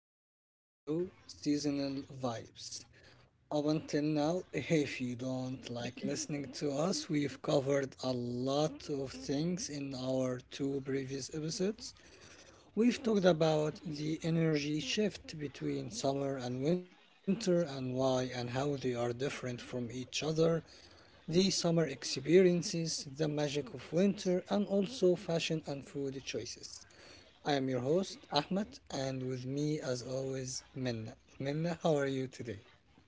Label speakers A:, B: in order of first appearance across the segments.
A: everyone, to the show Seasonal Vibes. Up until now, if you don't like listening to us, we've covered a lot of things in our two previous episodes. We've talked about the energy shift between summer and winter and why and how they are different from each other, the summer experiences, the magic of winter, and also fashion and food choices. I am your host, Ahmed, and with me, as always, Minna. Minna, how are you today?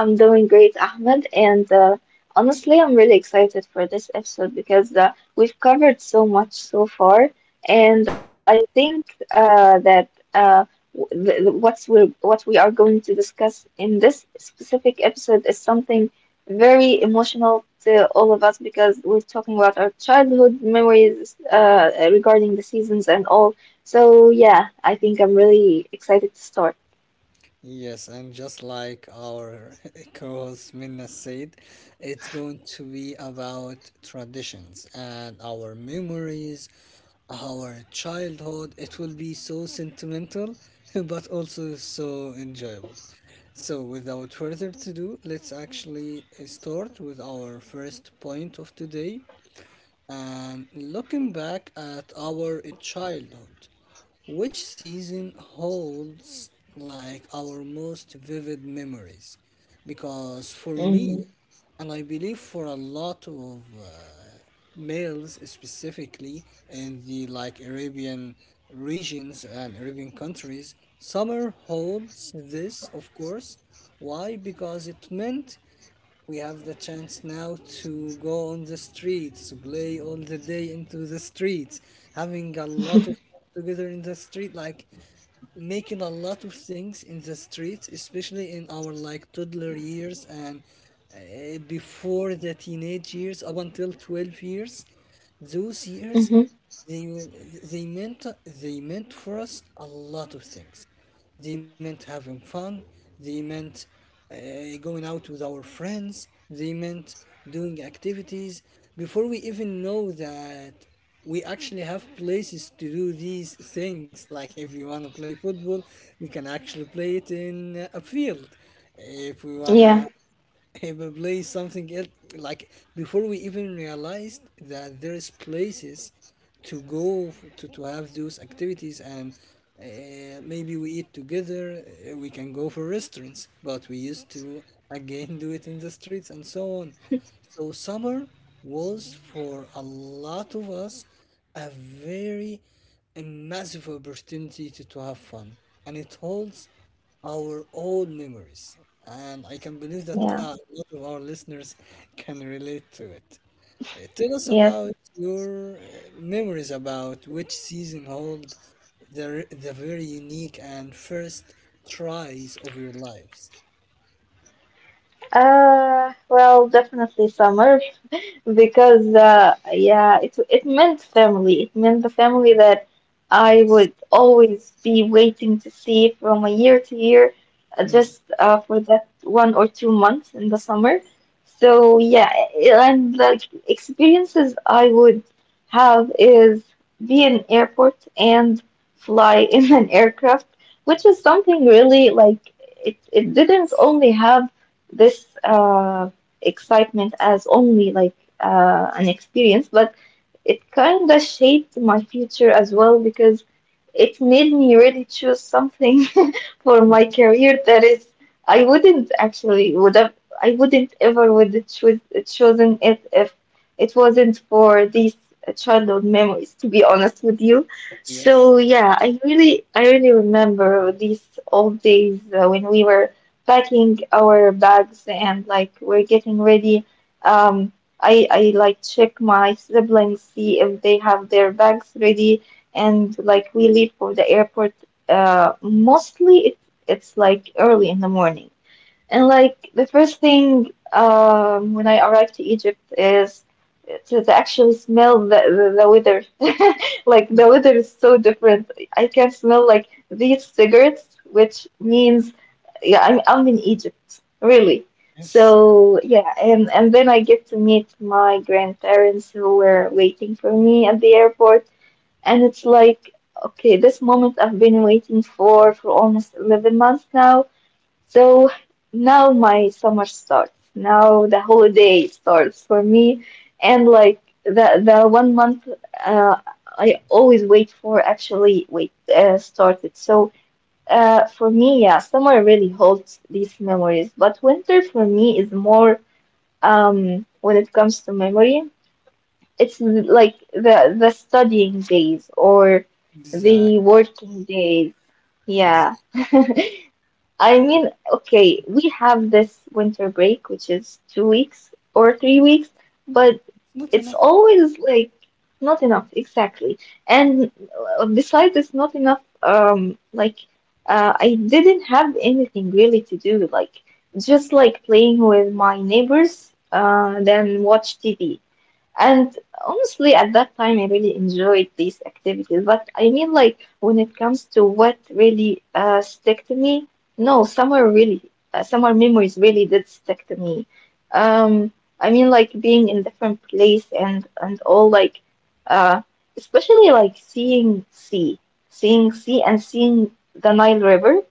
B: I'm doing great, Ahmed, and honestly, I'm really excited for this episode because we've covered so much so far, and I think that uh, w- the- what's we what we are going to discuss in this specific episode is something very emotional to all of us because we're talking about our childhood memories regarding the seasons and all. So yeah, I think I'm really excited to start.
A: Yes, and just like our co host Minna said, it's going to be about traditions and our memories, our childhood. It will be so sentimental, but also so enjoyable. So, without further to do, let's actually start with our first point of today, and looking back at our childhood, which season holds like our most vivid memories? Because for me,
B: Mm-hmm.
A: and I believe for a lot of males specifically in the like Arabian regions and Arabian countries, summer holds this, of course. Why? Because it meant we have the chance now to go on the streets, to play all the day into the streets, having a lot of fun together in the street, like making a lot of things in the streets, especially in our like toddler years and before the teenage years, up until 12 years. Those years, they, will- they meant for us a lot of things. They meant having fun. They meant uh, going out with our friends. They meant doing activities. Before we even know that we actually have places to do these things, like if we want to play football, we can actually play it in a field. If we want to
B: Yeah,
A: he will play something else, like before we even realized that there is places to go to have those activities, and maybe we eat together, we can go for restaurants, but we used to again do it in the streets and so on. So summer was for a lot of us a very, a massive opportunity to have fun, and it holds our own memories. And I can believe that a
B: yeah.
A: lot of our listeners can relate to it. Tell us
B: Yes.
A: about your memories about which season hold the very unique and first tries of your lives.
B: Well, definitely summer because yeah, it meant family. It meant the family that I
A: Yes.
B: would always be waiting to see from a year to year,
A: Hmm.
B: just for that 1 or 2 months in the summer. So yeah, and like experiences I would have is be in airport and fly in an aircraft, which is something really like it. Didn't only have this excitement as only like an experience, but it kind of shaped my future as well because it made me really choose something for my career that is I wouldn't actually would have I wouldn't ever would have chosen it if it wasn't for these childhood memories, to be honest with you. So
A: Yes.
B: yeah, I really remember these old days when we were packing our bags and like we're getting ready. Um I I like check my siblings, see if they have their bags ready, and like we leave for the airport. Mostly it's like early in the morning. And like the first thing, when I arrive to Egypt is to actually smell the weather. Like the weather is so different. I can smell like these cigarettes, which means yeah, I'm in Egypt, really.
A: Yes.
B: So yeah, and then I get to meet my grandparents who were waiting for me at the airport. And it's like, okay, this moment I've been waiting for almost 11 months now. So now my summer starts, now the holiday starts for me, and like the 1 month uh, I always wait for actually wait started. So for me, yeah, summer really holds these memories, but winter for me is more, when it comes to memory, it's like the studying days or the working days. Yeah.
A: Exactly,
B: I mean, okay, we have this winter break, which is 2 weeks or 3 weeks, but
A: not
B: it's
A: enough.
B: always like not enough, exactly. And besides, it's not enough. I didn't have anything really to do, like just like playing with my neighbors, then watch TV. And honestly, at that time, I really enjoyed these activities. But I mean, like, when it comes to what really stick to me, no, summer really, summer memories really did stick to me. Um, I mean, like, being in different place and all, like, uh, especially like seeing sea and seeing the Nile River,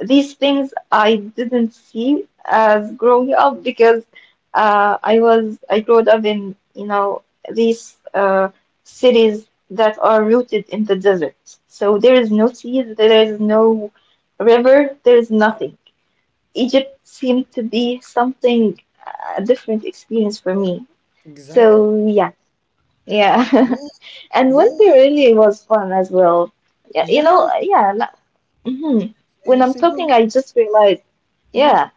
B: these things I didn't see as growing up because I grew up in, you know, these cities that are rooted in the desert. So there is no seas, there is no river, there is nothing. Egypt seemed to be something, a different experience for me.
A: Exactly.
B: So yeah, yeah,
A: Yeah,
B: and
A: yeah,
B: winter really was fun as well. Yeah, you know,
A: yeah.
B: yeah. Mhm. When
A: It's
B: I'm
A: a
B: talking,
A: good.
B: I just realized,
A: Hmm.
B: yeah,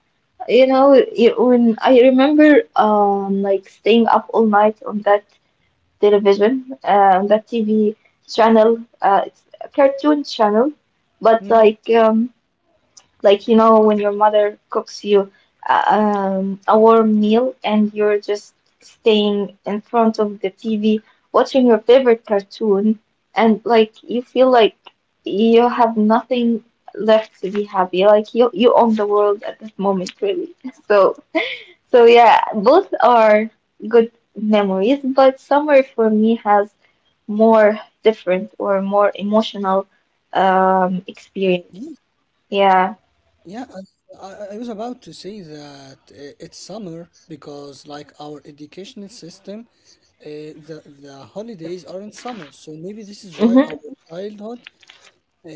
B: you know, it, when I remember, like staying up all night on that television, on that TV channel, it's a cartoon channel, but
A: Hmm.
B: like, you know, when your mother cooks you a warm meal and you're just staying in front of the TV watching your favorite cartoon, and like you feel like you have nothing left to be happy. Like you own the world at that moment, really. So, so yeah, both are good memories, but summer for me has more different or more emotional
A: Yes.
B: experience. Yeah.
A: Yeah, I I was about to say that it's summer because, like, our educational system, uh, the holidays are in summer. So maybe this is why
B: Hmm.
A: our childhood,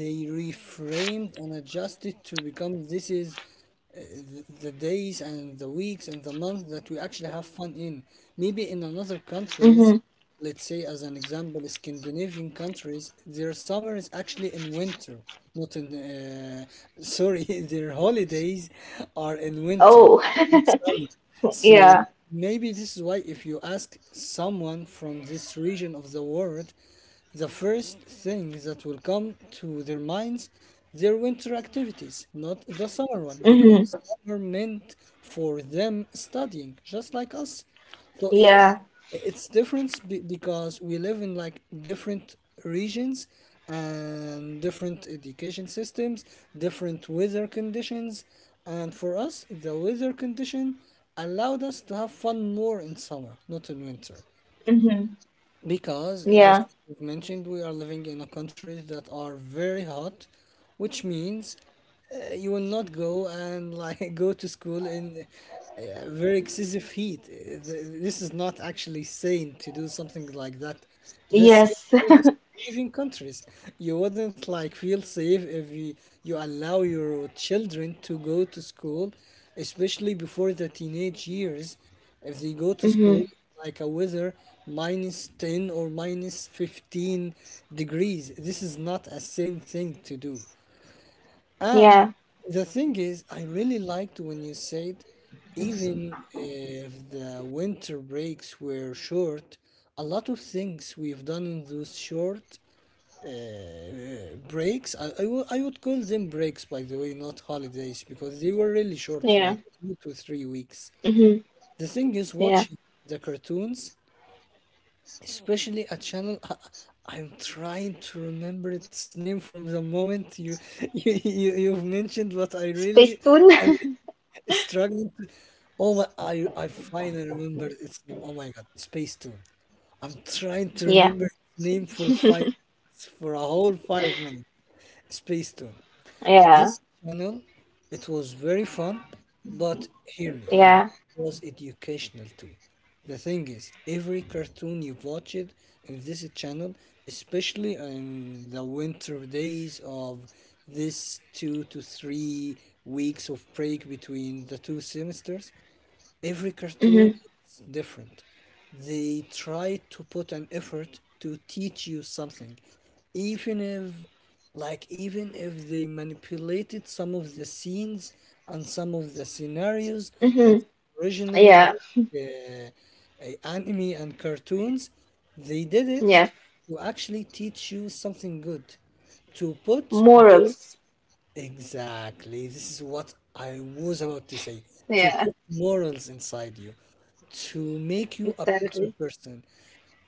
A: they reframed and adjusted to become this is uh, the days and the weeks and the month that we actually have fun in. Maybe in another
B: Mm-hmm.
A: countries, let's say as an example, Scandinavian countries, their summer is actually in winter, not in. Sorry, their holidays are in winter,
B: Oh,
A: not summer. So
B: yeah.
A: maybe this is why if you ask someone from this region of the world, the first thing that will come to their minds, their winter activities, not the summer one, because
B: Mm-hmm.
A: summer meant for them studying, just like us. So
B: Yeah.
A: it's different because we live in like different regions and different education systems, different weather conditions, and for us, the weather condition allowed us to have fun more in summer, not in winter.
B: Mm-hmm.
A: Because,
B: Yeah.
A: just as you've mentioned, we are living in a country that are very hot, which means you will not go and like go to school in uh, very excessive heat. This is not actually sane to do something like that. The same
B: Yes.
A: with the Scandinavian countries. You wouldn't like feel safe if you allow your children to go to school, especially before the teenage years. If they go to school
B: Mm-hmm.
A: like a weather minus 10 or minus 15 degrees, this is not a sane thing to do. And
B: Yeah.
A: the thing is, I really liked when you said, even if the winter breaks were short, a lot of things we've done in those short breaks, I would call them breaks, by the way, not holidays, because they were really short, like
B: Yeah.
A: 2 to 3 weeks.
B: Mm-hmm.
A: The thing is,
B: Yeah.
A: watching the cartoons, especially a channel, I'm trying to remember its name from the moment you, you've mentioned, but I
B: Space
A: really.
B: tune.
A: I struggling to, oh my, I finally remembered its name. Oh my God, Space Tune. I'm trying to
B: Yeah.
A: remember its name for 5 minutes, for a whole 5 minutes. Space Tune.
B: Yeah.
A: This channel, it was very fun, but hear me,
B: Yeah.
A: it was educational too. The thing is, every cartoon you've watched in this channel, especially in the winter days of this 2 to 3 weeks of break between the two semesters, every cartoon
B: Mm-hmm.
A: is different. They try to put an effort to teach you something, even if, like, even if they manipulated some of the scenes and some of the scenarios of
B: Mm-hmm.
A: original
B: Yeah.
A: like anime and cartoons, they did it
B: Yes.
A: to actually teach you something good, to put good.
B: Morals.
A: Exactly. This is what I was about to say. To
B: Yeah.
A: put morals inside you, to make you a better
B: Exactly.
A: person.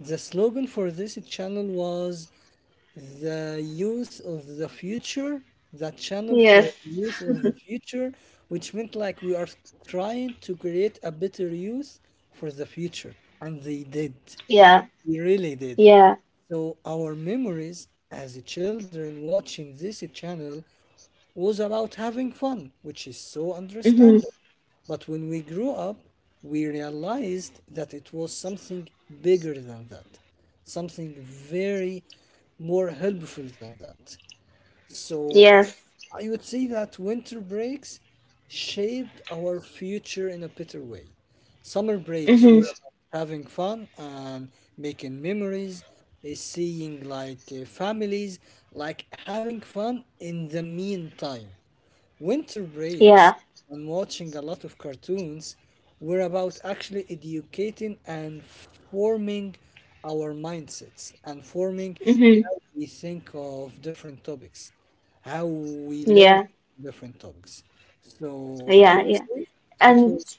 A: The slogan for this channel was the youth of the future, the channel for
B: Yes.
A: the youth of the future, which meant like we are trying to create a better youth for the future. And they did.
B: Yeah.
A: They really did.
B: Yeah.
A: So our memories as children watching this channel was about having fun, which is so
B: Mm-hmm.
A: understandable. But when we grew up, we realized that it was something bigger than that, something very more helpful than that. So
B: Yes.
A: I would say that winter breaks shaped our future in a better way. Summer breaks were
B: Mm-hmm.
A: about having fun and making memories, eh, seeing like eh, families, like having fun. In the meantime, winter breaks
B: Yeah.
A: and watching a lot of cartoons were about actually educating and forming our mindsets and forming
B: Mm-hmm.
A: how we think of different topics, how we learn
B: Yeah.
A: different topics. So I
B: Yeah.
A: would
B: Yeah.
A: say it
B: And
A: was,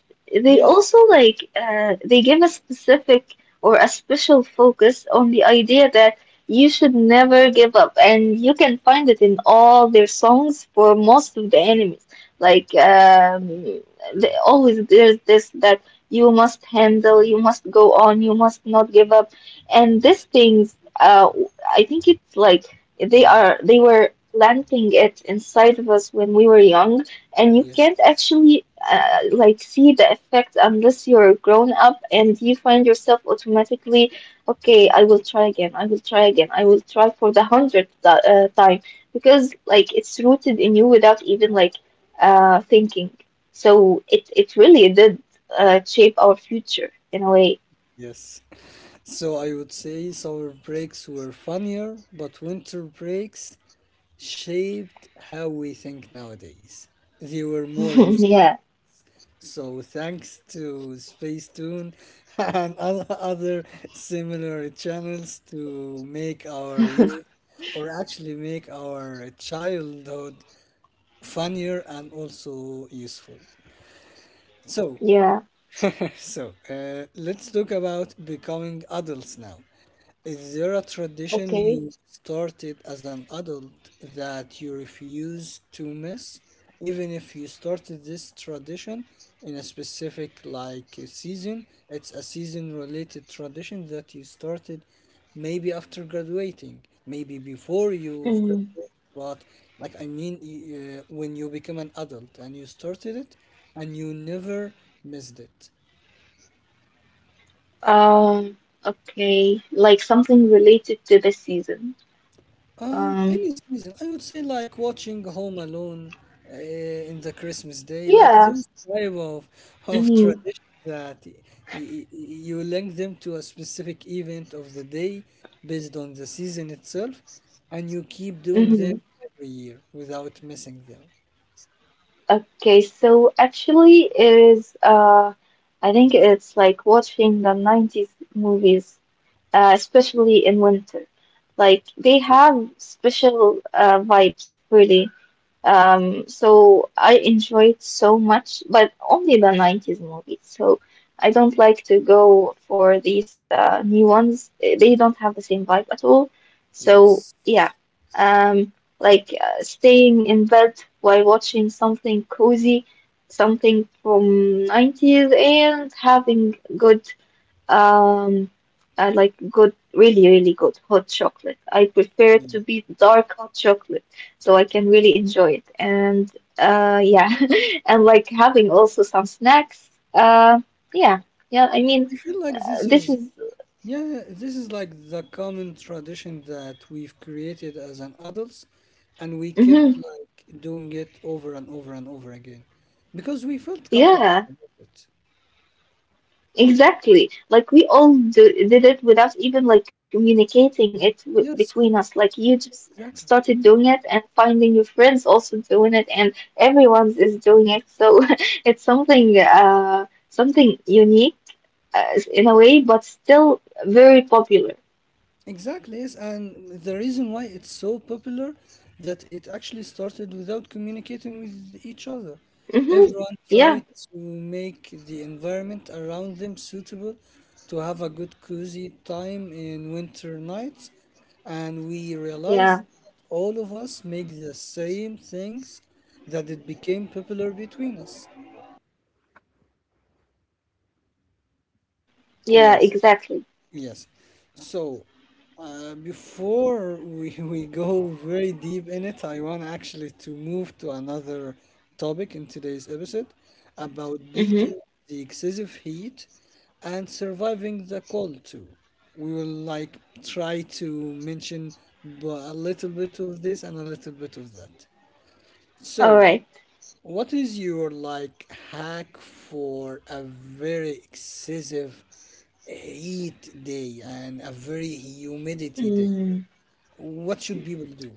B: they
A: yeah,
B: also like, they give a specific or a special focus on the idea that you should never give up, and you can find it in all their songs for most of the enemies, like um, they always, there's this that you must handle, you must go on, you must not give up. And these things, I think it's like they were planting it inside of us when we were young, and you can't
A: yes,
B: actually like see the effect unless you're grown up and you find yourself automatically, okay, I will try again, I will try for the 100th time, because like it's rooted in you without even like thinking. So it really did shape our future in a way.
A: yes. So I would say summer breaks were funnier, but winter breaks shaped how we think nowadays. They were more useful.
B: Yeah,
A: So thanks to Spacetoon and other similar channels to make our youth, or actually make our childhood, funnier and also useful. So
B: yeah,
A: so let's talk about becoming adults now. Is there a tradition
B: okay.
A: you started as an adult that you refuse to miss, even if you started this tradition in a specific like a season? It's a season related tradition that you started maybe after graduating, maybe before you've
B: Mm.
A: graduated, but like I mean, when you become an adult and you started it and you never missed it.
B: Um, okay, like something related to this season. Um,
A: Any season, I would say like watching Home Alone uh, in the Christmas Day, like
B: yeah.
A: those type of
B: Mm-hmm.
A: traditions that y y you link them to a specific event of the day based on the season itself, and you keep doing
B: Mm-hmm.
A: them every year without missing them.
B: Okay, so actually it is I think it's like watching the 90s movies, especially in winter. Like they
A: Okay.
B: have special vibes, really. So I enjoy it so much, but only the 90s movies. So I don't like to go for these new ones. Eh, they don't have the same vibe at all. So
A: Yes.
B: yeah, um, like staying in bed while watching something cozy, something from 90s, and having good um, I like good, really, really good hot chocolate. I prefer it to
A: Yeah.
B: be dark hot chocolate, so I can really enjoy it. And yeah, and like having also some snacks. Yeah, yeah. I mean,
A: I feel like
B: uh,
A: this
B: this
A: is
B: is,
A: yeah, this is like the common tradition that we've created as an adults, and we kept
B: hmm,
A: like doing it over and over and over again because we felt comfortable
B: yeah.
A: with it.
B: Exactly. Like we all do, did it without even like communicating it w
A: Yes,
B: between us. Like you just
A: exactly.
B: started doing it and finding your friends also doing it and everyone's is doing it. So it's something, something unique, in a way, but still very popular.
A: Exactly, yes, and the reason why it's so popular that it actually started without communicating with each other.
B: Mm-hmm.
A: Everyone tried
B: Yeah.
A: to make the environment around them suitable to have a good cozy time in winter nights, and we
B: Yeah.
A: realized that all of us make the same things, that it became popular between us.
B: Yeah,
A: Yes.
B: exactly.
A: Yes. So, before we go very deep in it, I want actually to move to another topic in today's episode about
B: Mm-hmm.
A: beating the excessive heat and surviving the cold too. We will like try to mention a little bit of this and a little bit of that.
B: All
A: So,
B: right.
A: what is your like hack for a very excessive heat day and a very humidity day?
B: Mm.
A: What should people do?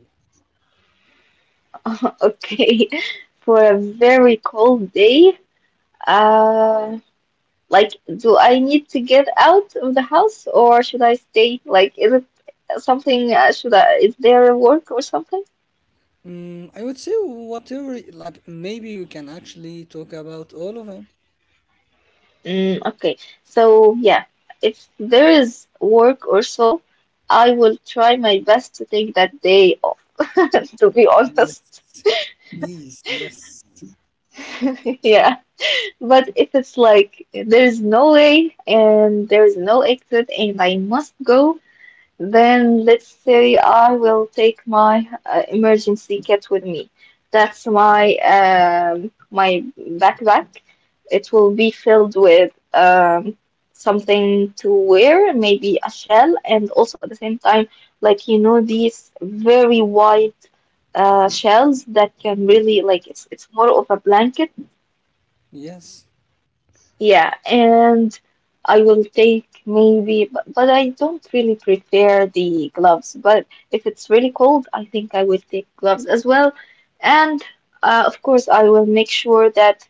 B: Okay. For a very cold day, uh like, do I need to get out of the house or should I stay? Like, is it something, is there work or something?
A: Mm, I would say whatever, like maybe we can actually talk about all of them.
B: Mm, okay. So, yeah, if there is work or so, I will try my best to take that day off, to be honest.
A: Yes, please, yes,
B: Yeah, but if it's like there's no way and there's no exit and I must go, then let's say I will take my emergency kit with me. That's my, my backpack. It will be filled with, something to wear, maybe a shell, and also at the same time, like you know, these very wide shells that can
A: yes,
B: really like it's more of a blanket.
A: yes.
B: Yeah, and I will take maybe, but I don't really prefer the gloves. But if it's really cold, I think I will take gloves as well. And of course, I will make sure that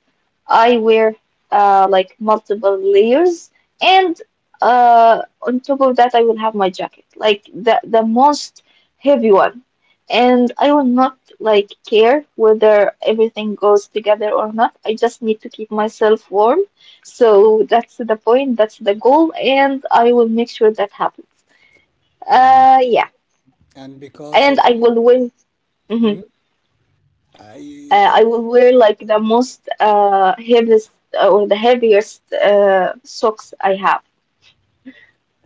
B: I wear like multiple layers. And on top of that, I will have my jacket, like the most heavy one. And I will not like care whether everything goes together or not. I just need to keep myself warm, so that's the point, that's the goal, and I will make sure that happens.
A: And
B: Yeah,
A: and because
B: and
A: of
B: I will win. Mhm.
A: hmm, I
B: I will wear like the most heaviest or the heaviest socks I have.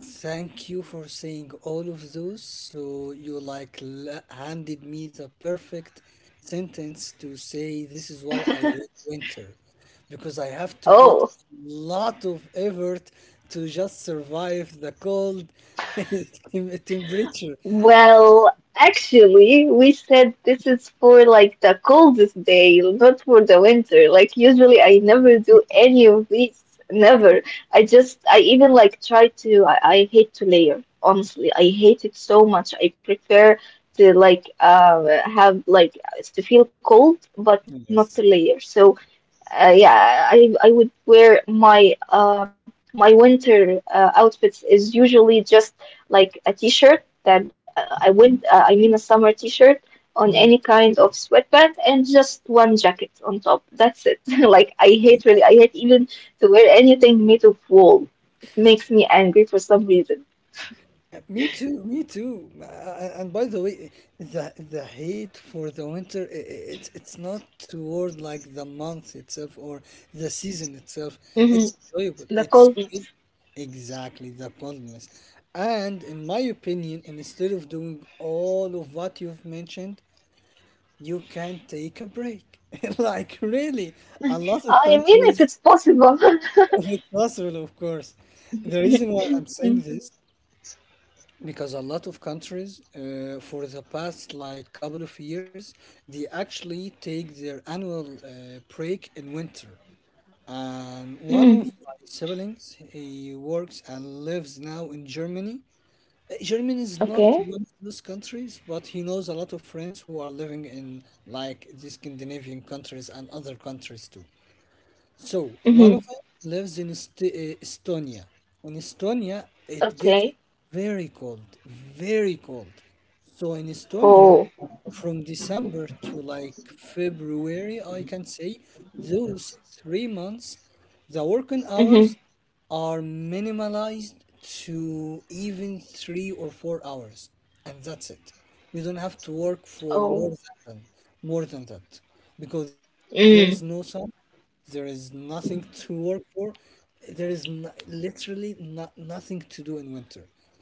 A: thank you for saying all of those. So you like handed me the perfect sentence to say this is why I hate winter, because I have to put
B: Oh,
A: a lot of effort to just survive the cold temperature.
B: well, actually, we said this is for like the coldest day, not for the winter. Like usually I never do any of these. Never. I just I even like try to, I hate to layer. Honestly, I hate it so much. I prefer to like have like to feel cold but not
A: Yes.
B: to layer. So yeah, I would wear my my winter outfits is usually just like a t-shirt that I mean a summer t-shirt on any kind of sweatband and just one jacket on top. That's it. Like I hate even to wear anything made of wool. It makes me angry for some reason.
A: Me too, me too. And by the way, the hate for the winter, it's not toward like the month itself or the season itself.
B: Hmm.
A: It's enjoyable.
B: The
A: It's really
B: coldness.
A: exactly the coldness. And in my opinion, instead of doing all of what you've mentioned, you can take a break. Like really, a lot of
B: I mean, if
A: countries,
B: it's possible.
A: if it's possible, of course. The reason why I'm saying
B: Mm,
A: this because a lot of countries for the past like couple of years, they actually take their annual break in winter, and one of
B: mm,
A: my siblings, he works and lives now in Germany. Germany is not
B: okay.
A: one of those countries, but he knows a lot of friends who are living in like the Scandinavian countries and other countries too. So one
B: Hmm.
A: of them lives in Estonia. In Estonia, it gets
B: Okay.
A: very cold, very cold. So in Estonia,
B: Oh.
A: from December to like February, I can say, those 3 months, the working
B: Hmm.
A: hours are minimalized to even 3 or 4 hours, and that's it. You don't have to work for
B: Oh.
A: more than that, because there is no sun,
B: Mm.
A: there is nothing to work for. There is literally nothing to do in winter.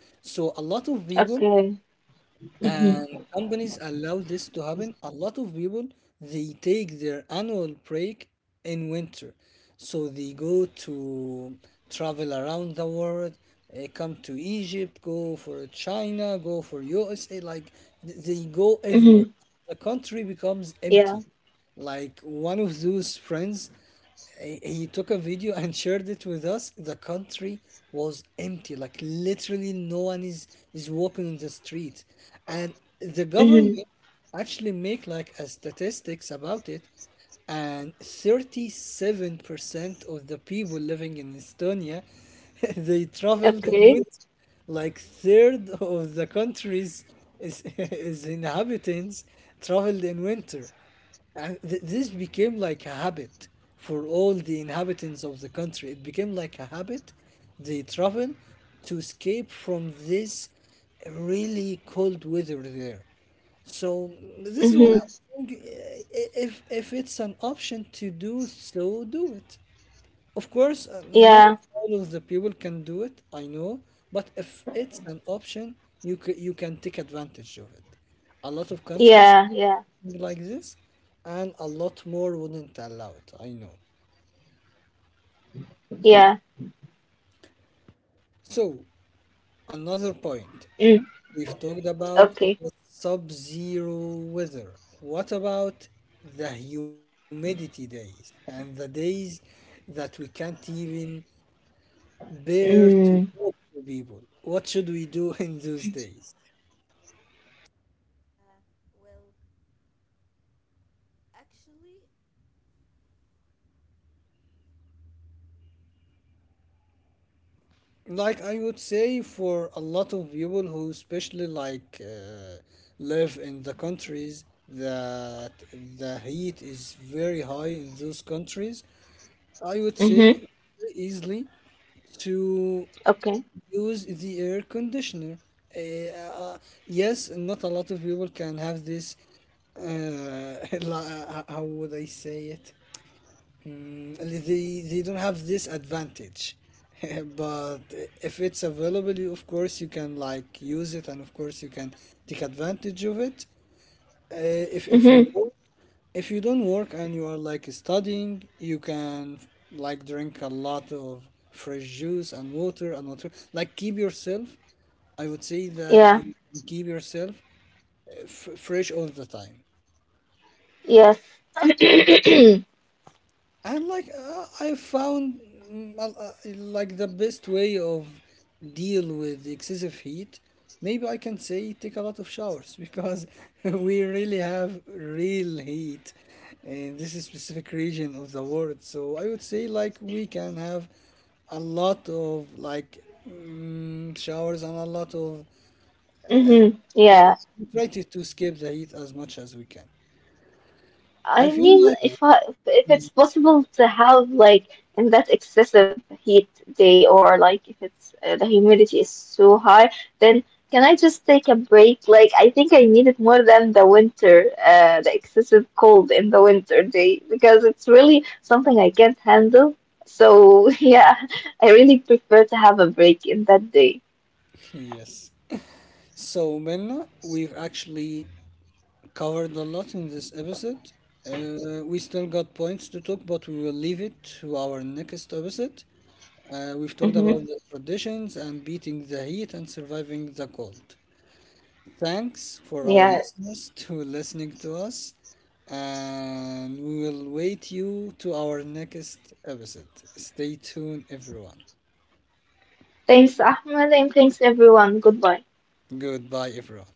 A: So a lot of people
B: Okay. Mm-hmm.
A: and companies allow this to happen. A lot of people, they take their annual break in winter. So they go to travel around the world, come to Egypt, go for China, go for USA, like they go everywhere.
B: Mm-hmm.
A: The country becomes
B: Yeah.
A: empty. Like one of those friends, he took a video and shared it with us. The country was empty, like literally no one is walking on the street, and the government
B: Mm-hmm.
A: actually make like a statistics about it, and 37% of the people living in Estonia, they traveled in
B: Okay.
A: winter. Like third of the country's is inhabitants traveled in winter. And this became like a habit for all the inhabitants of the country. It became like a habit. They travel to escape from this really cold weather there. So this is what
B: Mm-hmm.
A: I'm saying. If if it's an option to do so, do it. Of course, not
B: Yeah.
A: all of the people can do it. I know, but if it's an option, you can take advantage of it. A lot of countries
B: Yeah. Yeah.
A: like this, and a lot more wouldn't allow it, I know.
B: Yeah.
A: So, another
B: Mm.
A: point, we've talked
B: Okay.
A: about the sub zero weather. What about the humidity days and the days that we can't even bear
B: Mm.
A: to talk to people? What should we do in those days? Like I would say, for a lot of people who especially like live in the countries that the heat is very high in those countries, I would say
B: Mm-hmm.
A: very easily to
B: Okay.
A: use the air conditioner. Uh, uh, yes, not a lot of people can have this. Uh, how would I say it? Mm, they don't have this advantage but if it's available, you of course you can like use it, and of course you can take advantage of it. If you
B: Mm-hmm.
A: work, if you don't work and you are like studying, you can like drink a lot of fresh juice and water and water, like keep yourself, I would say that you
B: Yeah.
A: keep yourself fresh all the time.
B: Yes. Mm-hmm.
A: And like I found like the best way of deal with excessive heat, maybe I can say, take a lot of showers, because we really have real heat in this specific region of the world. So I would say like we can have a lot of like showers and a lot of uh, like
B: Yeah.
A: try to skip the heat as much as we can. I
B: I
A: feel
B: mean,
A: like.
B: if it's
A: Mm,
B: possible to have like in that excessive heat day or like if it's, the humidity is so high, then can I just take a break? Like I think I need it more than the winter, the excessive cold in the winter day because it's really something I can't handle. So yeah, I really prefer to have a break in that day.
A: yes. So, Minna, we've actually covered a lot in this episode. We still got points to talk, but we will leave it to our next episode. We've talked
B: Mm-hmm.
A: about the traditions and beating the heat and surviving the cold. Thanks for our
B: Yeah.
A: listeners to listening to us, and we will wait you to our next episode. Stay tuned, everyone.
B: Thanks, Ahmed, and thanks everyone. Goodbye.
A: Goodbye, everyone.